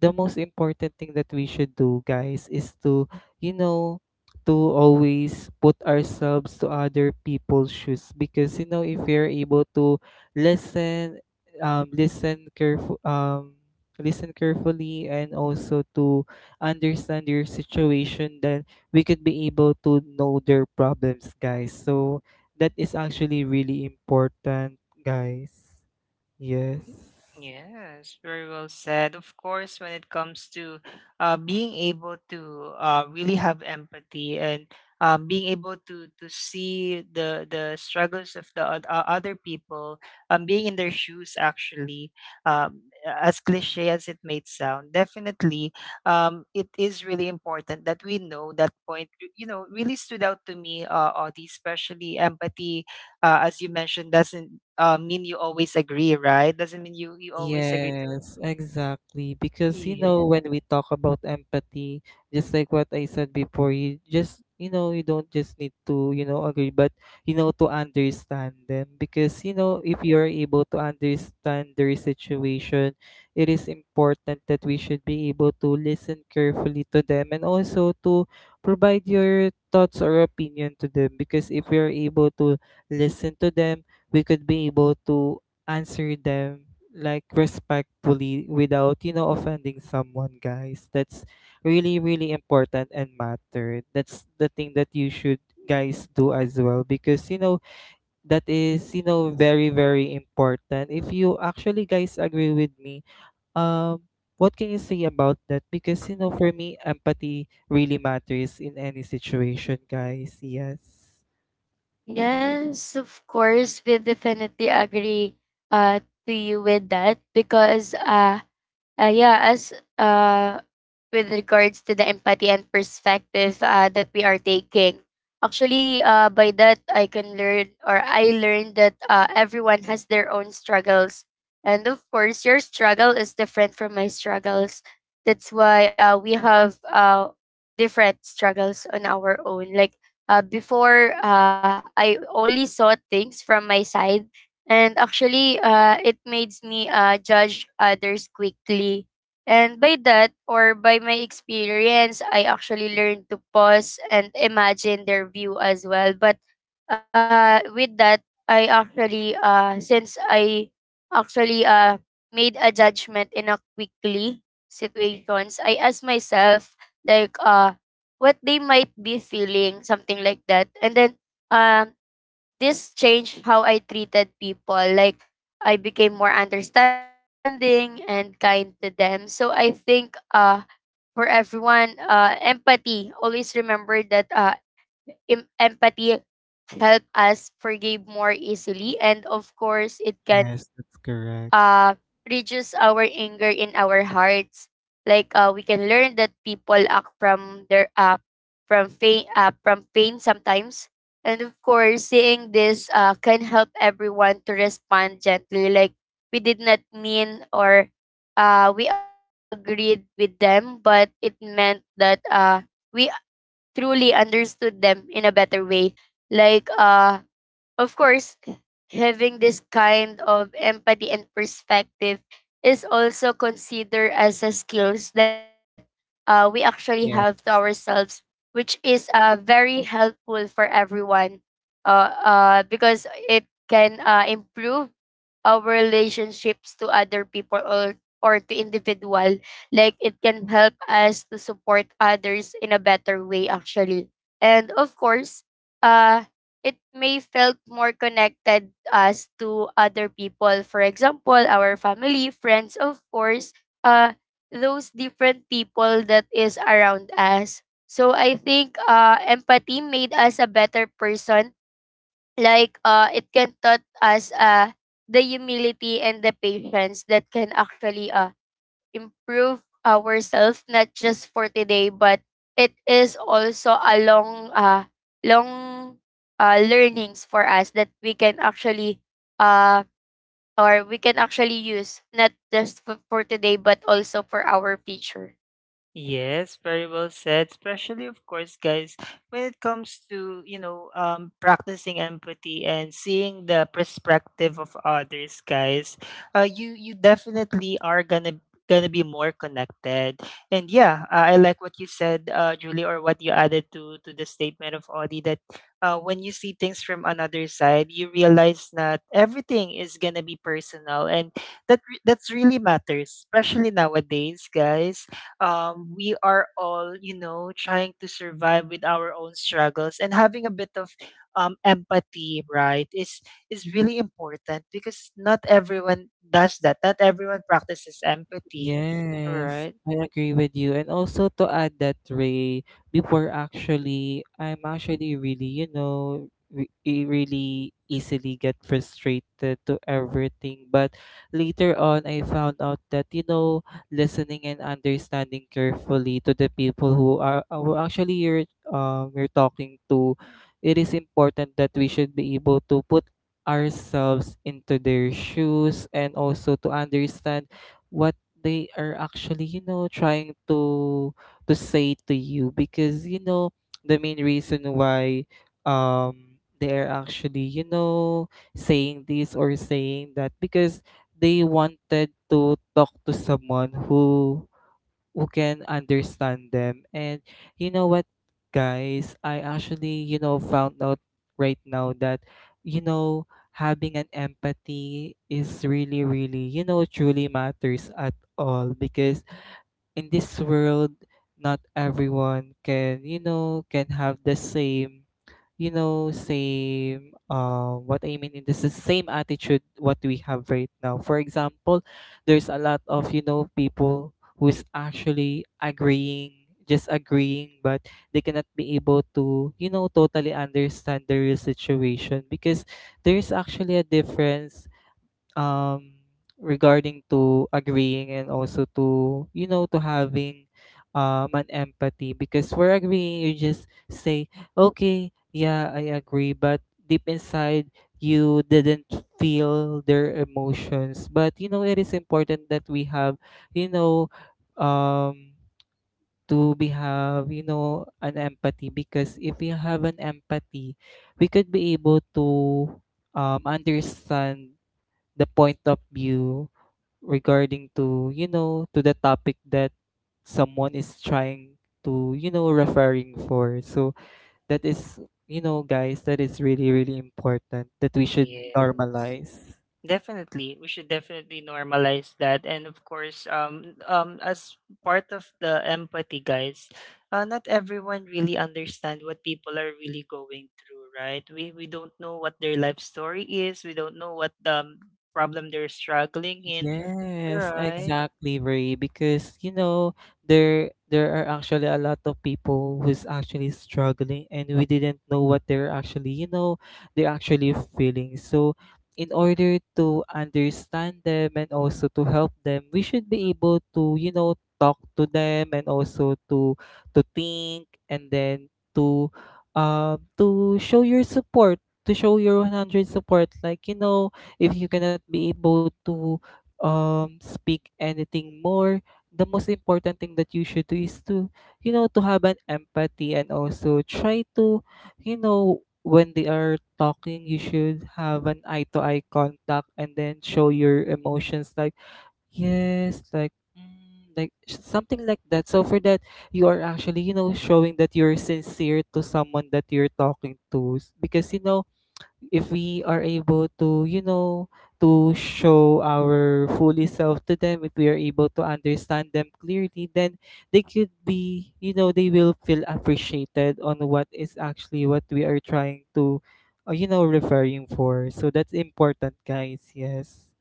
Speaker 2: the most important thing that we should do, guys, is to, you know, to always put ourselves to other people's shoes. Because you know if you're able to listen um listen careful um listen carefully, and also to understand your situation, then we could be able to know their problems, guys. So that is actually really important, guys. Yes.
Speaker 1: Yes, very well said. Of course, when it comes to uh, being able to uh, really have empathy and um, being able to to see the the struggles of the oth- uh, other people, um, being in their shoes, actually, um, as cliche as it may sound, definitely, um, it is really important that we know that point. You know, really stood out to me, uh, Audie, especially empathy, uh, as you mentioned, doesn't uh, mean you always agree, right? Doesn't mean you you always agree to.
Speaker 2: Yes, exactly. Because, you
Speaker 1: Yeah.
Speaker 2: know, when we talk about empathy, just like what I said before, you just, you know, you don't just need to, you know, agree, but, you know, to understand them. Because, you know, if you are able to understand their situation, it is important that we should be able to listen carefully to them, and also to provide your thoughts or opinion to them. Because if we are able to listen to them, we could be able to answer them like respectfully without, you know offending someone, guys. That's really, really important and matter. That's the thing that you should, guys, do as well, because you know that is, you know very, very important. If you actually, guys, agree with me, um what can you say about that? Because, you know for me, empathy really matters in any situation, guys. Yes.
Speaker 3: Yes, of course, we definitely agree uh to you with that. Because uh uh, yeah, as uh, with regards to the empathy and perspective uh, that we are taking, actually, uh, by that I can learn or I learned that uh, everyone has their own struggles, and of course, your struggle is different from my struggles. That's why uh, we have uh, different struggles on our own. Like uh, before, uh, I only saw things from my side, and actually, uh, it made me uh, judge others quickly. And by that, or by my experience, I actually learned to pause and imagine their view as well. But uh, with that, I actually, uh, since I actually uh, made a judgment in a quickly situations, I asked myself, like, uh, what they might be feeling, something like that. And then, um, this changed how I treated people. Like, I became more understanding and kind to them. So I think uh for everyone, uh empathy, always remember that uh em- empathy help us forgive more easily, and of course it can
Speaker 2: Yes, that's
Speaker 3: uh
Speaker 2: correct.
Speaker 3: reduce our anger in our hearts. Like uh, we can learn that people act from their uh from pain uh, from pain sometimes. And of course, seeing this uh, can help everyone to respond gently. Like, we did not mean or uh, we agreed with them, but it meant that uh, we truly understood them in a better way. Like, uh, of course, having this kind of empathy and perspective is also considered as a skills that uh, we actually have to
Speaker 2: Yeah.
Speaker 3: ourselves, which is uh, very helpful for everyone, uh, uh, because it can uh, improve our relationships to other people, or, or to individual. Like, it can help us to support others in a better way, actually. And of course, uh, it may felt more connected us to other people, for example our family, friends, of course, uh those different people that is around us. So I think uh empathy made us a better person. Like uh it can taught us uh the humility and the patience that can actually uh improve ourselves not just for today, but it is also a long uh long uh learnings for us that we can actually uh or we can actually use not just f- for today but also for our future.
Speaker 1: Yes, very well said. Especially, of course, guys, when it comes to, you know, um, practicing empathy and seeing the perspective of others, guys, uh, you you definitely are gonna gonna be more connected. And yeah, uh, I like what you said, uh, Julie, or what you added to to the statement of Audie, that uh, when you see things from another side, you realize that everything is gonna be personal, and that re- that's really matters, especially nowadays, guys, um, we are all, you know, trying to survive with our own struggles and having a bit of um, empathy, right, is is really important because not everyone does that. Not everyone practices empathy,
Speaker 2: Yes,
Speaker 1: right?
Speaker 2: I agree with you. And also to add that, Ray, before actually, I'm actually really, you know, re- e- really easily get frustrated to everything. But later on, I found out that, you know, listening and understanding carefully to the people who are, uh, who actually you're um you're talking to, it is important that we should be able to put ourselves into their shoes, and also to understand what they are actually, you know, trying to to say to you. Because you know the main reason why um they're actually, you know, saying this or saying that, because they wanted to talk to someone who who can understand them. And you know what, guys? I actually, you know, found out right now that, you know, having an empathy is really, really, you know, truly matters at all. Because in this world, not everyone can, you know can have the same, you know same uh, what I mean in this is same attitude what we have right now. For example, there's a lot of, you know people who's actually agreeing, just agreeing, but they cannot be able to, you know totally understand the real situation. Because there's actually a difference um, regarding to agreeing, and also to, you know to having um an empathy. Because we're agreeing, you just say, okay, yeah, I agree, but deep inside, you didn't feel their emotions. But you know it is important that we have, you know um to be have, you know an empathy. Because if we have an empathy, we could be able to um, understand the point of view regarding to, you know, to the topic that someone is trying to, you know, referring for. So that is, you know, guys, that is really, really important that we should
Speaker 1: Yes.
Speaker 2: normalize.
Speaker 1: Definitely, we should definitely normalize that, and of course, um, um, as part of the empathy, guys, uh, not everyone really understand what people are really going through, right? We we don't know what their life story is. We don't know what the um, problem they're struggling in,
Speaker 2: Yes,
Speaker 1: right?
Speaker 2: exactly, Ray. Because you know there there are actually a lot of people who's actually struggling, and we didn't know what they're actually, you know they're actually feeling. So, in order to understand them and also to help them, we should be able to, you know talk to them and also to to think and then to um to show your support, to show your one hundred support. Like, you know, if you cannot be able to um speak anything more, the most important thing that you should do is to, you know to have an empathy, and also try to, you know when they are talking, you should have an eye to eye contact and then show your emotions, like yes, like mm, like s- something like that. So for that, you are actually, you know showing that you're sincere to someone that you're talking to. S- because you know if we are able to, you know to show our fully self to them, if we are able to understand them clearly, then they could, be you know they will feel appreciated on what is actually what we are trying to uh, you know referring for. So that's important, guys. Yes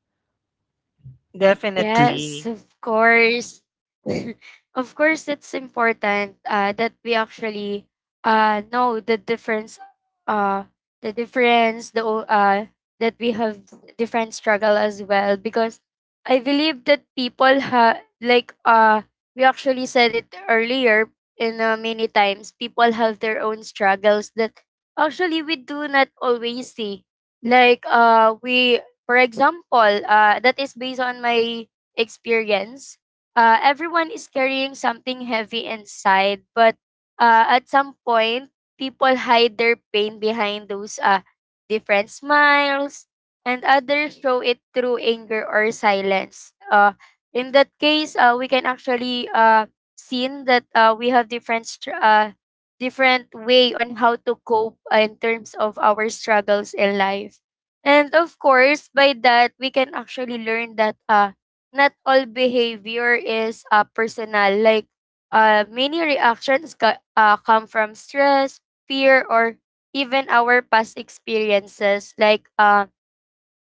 Speaker 3: Yes,
Speaker 1: Definitely.
Speaker 3: of course. Of course, it's important uh, that we actually uh, know the difference, uh, the difference, the o- uh, that we have different struggle as well. Because I believe that people have, like uh, we actually said it earlier in uh, many times, people have their own struggles that actually we do not always see. Like uh, we for example, uh, that is based on my experience. Uh, everyone is carrying something heavy inside, but uh, at some point, people hide their pain behind those uh, different smiles, and others show it through anger or silence. Uh, in that case, uh, we can actually uh, see that uh, we have different str- uh, different way on how to cope uh, in terms of our struggles in life. And of course, by that, we can actually learn that uh, not all behavior is uh, personal. Like, uh, many reactions ca- uh, come from stress, fear, or even our past experiences. Like, uh,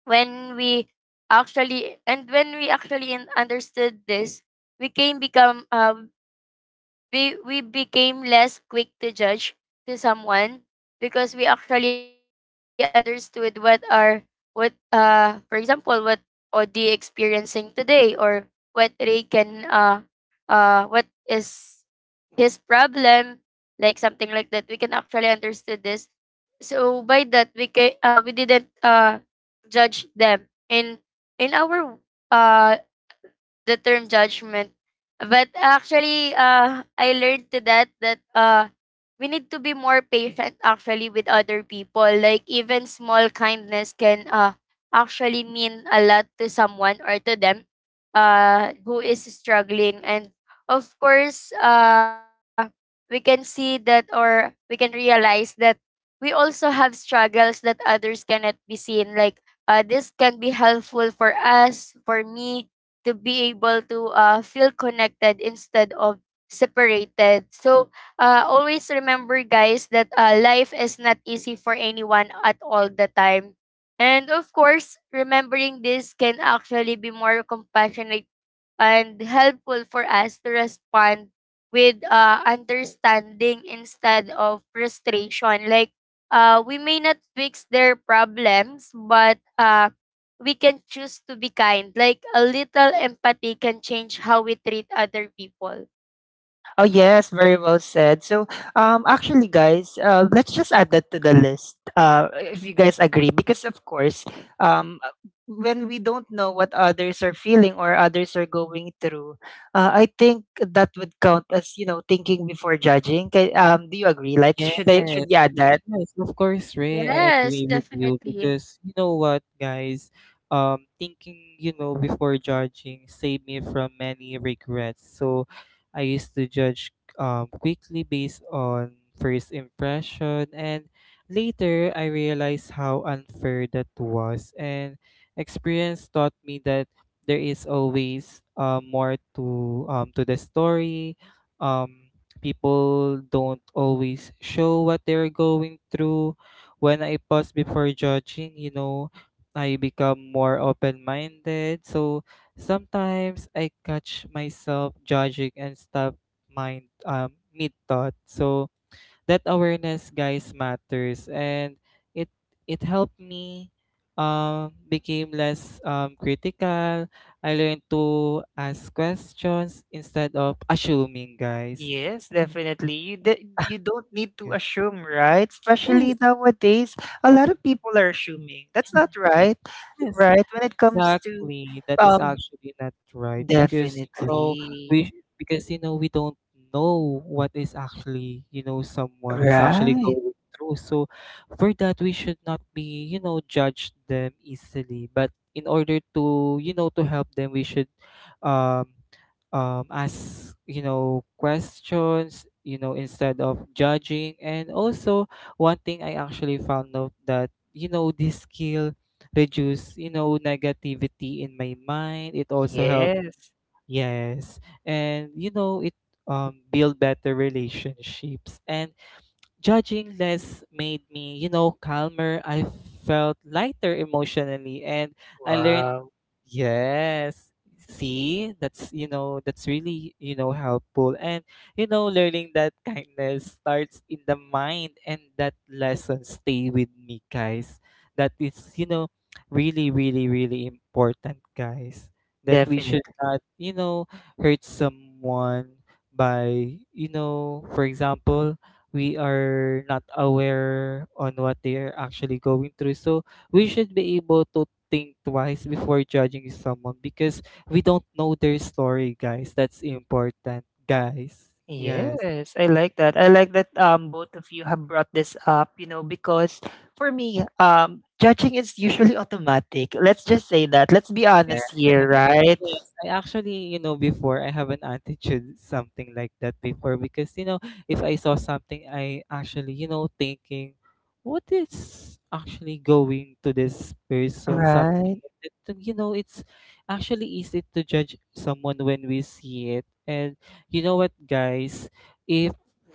Speaker 3: when we actually, and when we actually in- understood this, we can become, uh, we we became less quick to judge to someone, because we actually understood what are what uh for example what Odi experiencing today, or what Ray can uh uh what is his problem, like something like that, we can actually understood this. So by that, we can uh we didn't uh judge them in in our uh the term judgment. But actually, uh, I learned to that that uh, we need to be more patient actually with other people. Like, even small kindness can uh, actually mean a lot to someone or to them uh, who is struggling. And of course, uh, we can see that or we can realize that we also have struggles that others cannot be seen. Like uh, this can be helpful for us, for me, to be able to uh, feel connected instead of separated. So uh, always remember, guys, that uh, life is not easy for anyone at all the time. And of course, remembering this can actually be more compassionate and helpful for us to respond with uh, understanding instead of frustration. Like, uh, we may not fix their problems, but uh, we can choose to be kind. Like, a little empathy can change how we treat other people.
Speaker 1: Oh yes, very well said. So, um, actually, guys, uh, let's just add that to the list. Uh, if you guys agree, because of course, um, uh, when we don't know what others are feeling or others are going through, uh, I think that would count as you know thinking before judging. Kay- Um, do you agree? Like,
Speaker 2: Yes.
Speaker 1: should I should you add
Speaker 2: Y-
Speaker 1: that?
Speaker 2: yes, of course, Ray. I
Speaker 3: Yes,
Speaker 2: agree with you
Speaker 3: definitely.
Speaker 2: because you know what, guys, um, thinking, you know, before judging saved me from many regrets. So I used to judge um quickly based on first impression, and later I realized how unfair that was, and experience taught me that there is always, uh, more to, um to the story. Um People don't always show what they're going through. When I pause before judging, you know, I become more open minded. So sometimes I catch myself judging and stop mind um mid thought. So that awareness, guys, matters, and it it helped me um became less um critical. I learned to ask questions instead of assuming, guys.
Speaker 1: Yes, definitely. You d- you don't need to
Speaker 2: Yeah.
Speaker 1: assume, right?
Speaker 2: Yes,
Speaker 1: Especially nowadays, a lot of people are assuming. That's not right,
Speaker 2: yes,
Speaker 1: right? When it comes to
Speaker 2: exactly. That is
Speaker 1: um,
Speaker 2: actually not right because you know
Speaker 1: definitely.
Speaker 2: we because you know we don't know what is actually, you know someone is actually
Speaker 1: Right.
Speaker 2: going through. So for that, we should not be, you know judge them easily. But in order to, you know to help them, we should um um ask, you know questions, you know instead of judging. And also, one thing I actually found out that, you know this skill reduce, you know, negativity in my mind. It also helped.
Speaker 1: Yes.
Speaker 2: Yes. And you know, it um build better relationships. And judging less made me, you know, calmer. I felt lighter emotionally, and I learned.
Speaker 1: Wow.
Speaker 2: Yes. See, that's, you know, that's really, you know, helpful. And you know, learning that kindness starts in the mind, and that lesson stay with me, guys. That is, you know, really, really, really important, guys. That we should
Speaker 1: Definitely.
Speaker 2: not, you know, hurt someone by, you know, for example, we are not aware on what they are actually going through. So we should be able to think twice before judging someone, because we don't know their story, guys. That's important, guys. Yes.
Speaker 1: Yes. I like that. I like that um both of you have brought this up, you know, because for me, um judging is usually automatic. Let's just say that. Let's be
Speaker 2: Yeah.
Speaker 1: honest here, right?
Speaker 2: Yes, I actually, you know, before, I have an attitude something like that before, because, you know, if I saw something, I actually, you know, thinking what is actually going to this person, something
Speaker 1: Right.
Speaker 2: like that. So, You know, it's actually easy to judge someone when we see it. And you know what, guys, if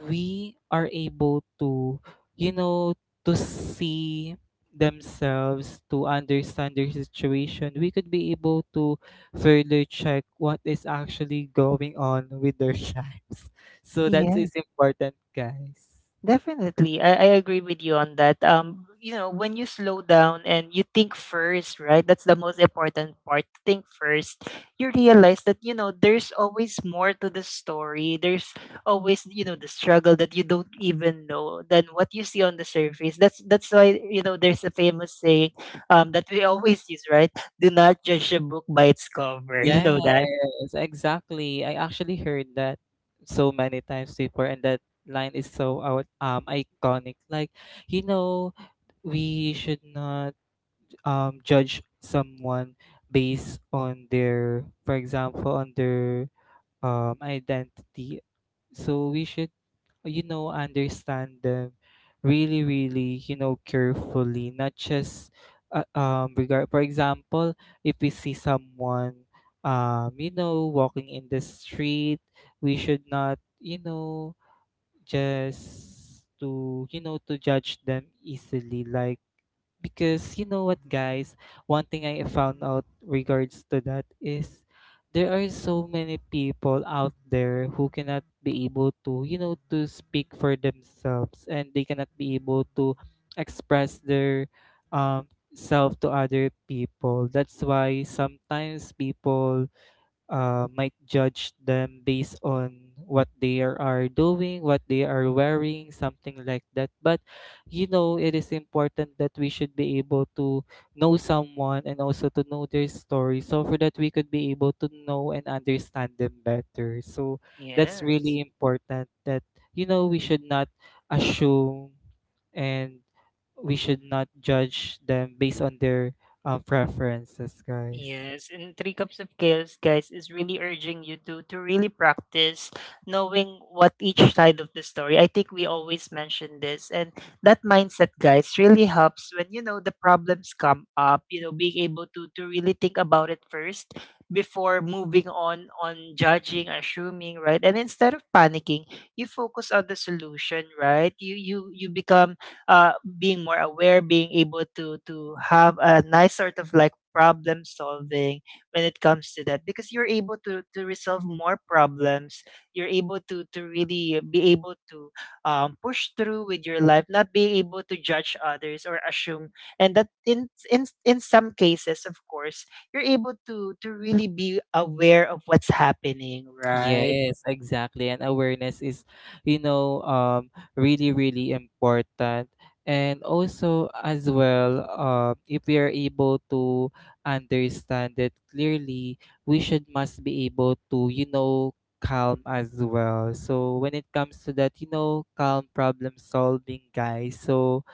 Speaker 2: we are able to, you know, to see themselves, to understand their situation, we could be able to further check what is actually going on with their lives. So that is important, guys.
Speaker 1: Definitely. I, I agree with you on that. Um, you know, when you slow down and you think first, right? That's the most important part. Think first. You realize that, you know, there's always more to the story. There's always, you know, the struggle that you don't even know than what you see on the surface. That's that's why, you know, there's a famous saying um that we always use, right? Do not judge a book by its cover. You
Speaker 2: Yes,
Speaker 1: know that?
Speaker 2: exactly. I actually heard that so many times before, and that line is so out, um iconic. Like, you know, we should not um judge someone based on their, for example, on their um identity. So we should, you know, understand them really, really, you know, carefully, not just uh, um regard for example, if we see someone, um, you know, walking in the street, we should not, you know, just to, you know to judge them easily, like, because you know what, guys, one thing I found out regards to that is, there are so many people out there who cannot be able to, you know to speak for themselves, and they cannot be able to express their um self to other people. That's why sometimes people, uh, might judge them based on what they are are doing, what they are wearing, something like that. But, you know, it is important that we should be able to know someone and also to know their story, so for that we could be able to know and understand them better. So that's
Speaker 1: Yes.
Speaker 2: really important that, you know we should not assume, and we should not judge them based on their uh, preferences, guys.
Speaker 1: Yes, and Three Cups of Chaos, guys, is really urging you to to really practice knowing what each side of the story. I think we always mention this, and that mindset, guys, really helps when you know the problems come up. You know, being able to to really think about it first before moving on on judging, assuming, right? And instead of panicking, you focus on the solution, right? You you you become uh being more aware, being able to to have a nice sort of like problem solving when it comes to that because you're able to to resolve more problems, you're able to to really be able to um, push through with your life, not be able to judge others or assume, and that in in in some cases, of course, you're able to to really be aware of what's happening, right?
Speaker 2: Yes, exactly. And awareness is, you know, um, really, really important. And also, as well, um, if we are able to understand it clearly, we should must be able to, you know, calm as well. So when it comes to that, you know, calm problem solving, guys. So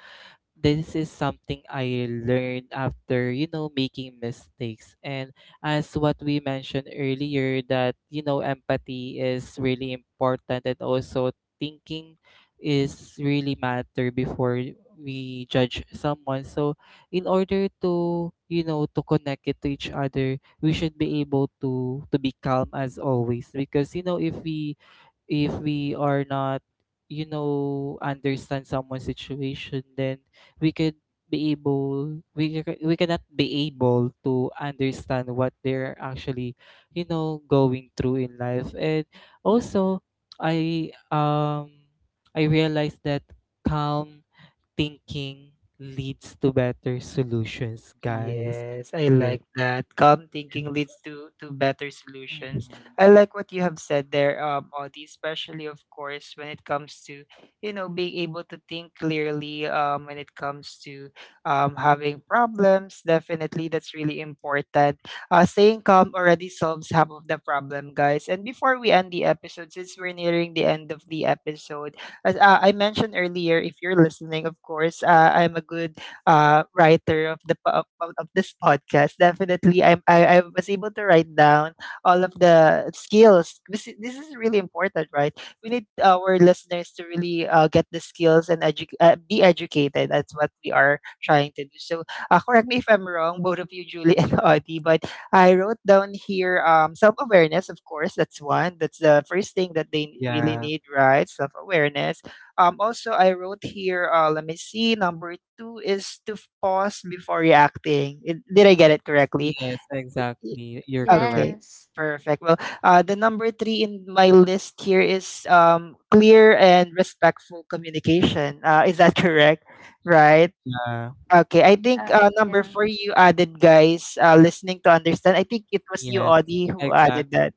Speaker 2: this is something I learned after, you know, making mistakes. And as what we mentioned earlier, that, you know, empathy is really important, and also thinking is really matter before we judge someone. So in order to, you know, to connect it to each other, we should be able to to be calm as always. Because, you know, if we if we are not, you know understand someone's situation, then we could be able, we ca- we cannot be able to understand what they're actually, you know going through in life. And also, i um i realized that calm thinking leads to better solutions, guys.
Speaker 1: Yes, I
Speaker 2: Yeah.
Speaker 1: like that. Calm thinking
Speaker 2: Yes.
Speaker 1: leads to to better
Speaker 2: Mhm.
Speaker 1: solutions. I like what you have said there, um, Audie, especially of course when it comes to, you know, being able to think clearly, um, when it comes to um having problems. Definitely that's really important. Uh staying calm already solves half of the problem, guys. And before we end the episode, since we're nearing the end of the episode, as uh, I mentioned earlier, if you're listening, of course, uh, I'm a good uh, writer of the po- of, of this podcast. Definitely, I'm, I I was able to write down all of the skills. This is, this is really important, right? We need our listeners to really uh, get the skills and edu- uh, be educated. That's what we are trying to do. So, uh, correct me if I'm wrong, both of you, Julie and Audie, but I wrote down here um, self awareness, of course, that's one. That's the first thing that they really
Speaker 2: Yeah.
Speaker 1: need, right? Self awareness, um, also, I wrote here, uh, let me see, number two is to f- pause before reacting. It, did I get it correctly?
Speaker 2: Yes,
Speaker 1: Y-
Speaker 2: exactly, you're correct.
Speaker 1: Okay,
Speaker 3: Yes.
Speaker 1: perfect. Well, uh, the number three in my list here is um, clear and respectful communication. Uh, is that correct? Right.
Speaker 2: Yeah.
Speaker 1: Okay, I think
Speaker 3: Uh,
Speaker 1: uh, number four
Speaker 3: yeah.
Speaker 1: you added, guys, uh, listening to understand. I think it was you,
Speaker 2: Yes,
Speaker 1: Audie, who added
Speaker 2: exactly.
Speaker 1: that.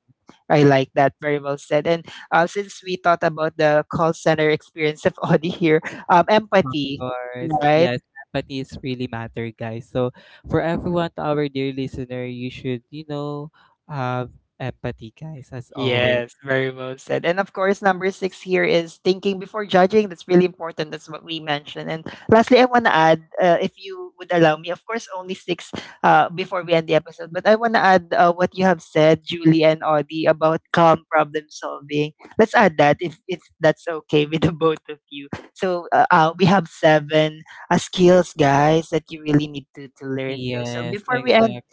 Speaker 1: I like that. Very well said. And uh, since we thought about the call center experience of Audie here, um,
Speaker 2: Of
Speaker 1: empathy,
Speaker 2: course.
Speaker 1: right?
Speaker 2: Yes, empathy is really matter, guys. So for everyone, to our dear listener, you should, you know, have empathy, guys, as always.
Speaker 1: Yes, very well said. And of course, number six here is thinking before judging. That's really important. That's what we mentioned. And lastly, I want to add, uh, if you would allow me, of course, only six, uh, before we end the episode, but I want to add uh, what you have said, Julie and Audie, about calm problem solving. Let's add that if, if that's okay with the both of you. So uh, uh, we have seven uh, skills, guys, that you really need to, to learn here. So
Speaker 2: Yes,
Speaker 1: before we end,
Speaker 2: exactly.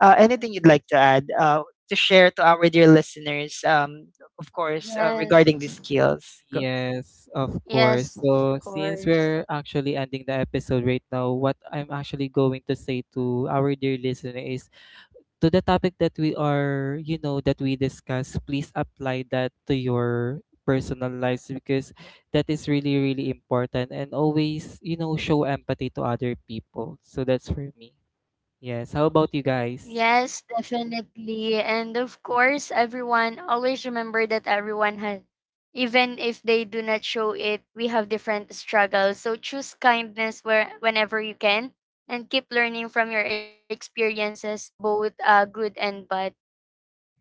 Speaker 1: uh, anything you'd like to add uh, to share to our dear listeners, um, of course, uh, regarding these
Speaker 3: Yes.
Speaker 1: skills? Go-
Speaker 2: Yes, of course.
Speaker 3: Yes, of
Speaker 2: So since we're
Speaker 3: course.
Speaker 2: actually ending the episode right now, what I'm actually going to say to our dear listener is, to the topic that we are, you know, that we discuss, please apply that to your personal lives, because that is really, really important. And always, you know, show empathy to other people. So that's for me. Yes. How about you guys?
Speaker 3: Yes, definitely. And of course, everyone, always remember that everyone has, even if they do not show it, we have different struggles. So choose kindness where, whenever you can, and keep learning from your experiences, both uh, good and bad.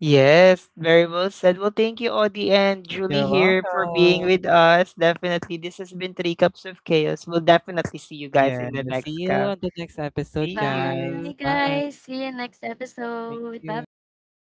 Speaker 1: Yes, very well said. Well, thank you, Audie and Julie
Speaker 2: You're
Speaker 1: here for being
Speaker 2: welcome.
Speaker 1: with us. Definitely, this has been Three Cups of Chaos. We'll definitely see you guys
Speaker 2: Yeah.
Speaker 1: in the
Speaker 2: See
Speaker 1: next
Speaker 2: you
Speaker 1: cup.
Speaker 2: on the next
Speaker 1: See
Speaker 2: episode,
Speaker 3: Bye,
Speaker 1: you.
Speaker 2: guys.
Speaker 3: guys.
Speaker 2: Bye.
Speaker 3: See you next
Speaker 2: Thank
Speaker 3: episode. Bye
Speaker 2: you.
Speaker 3: bye.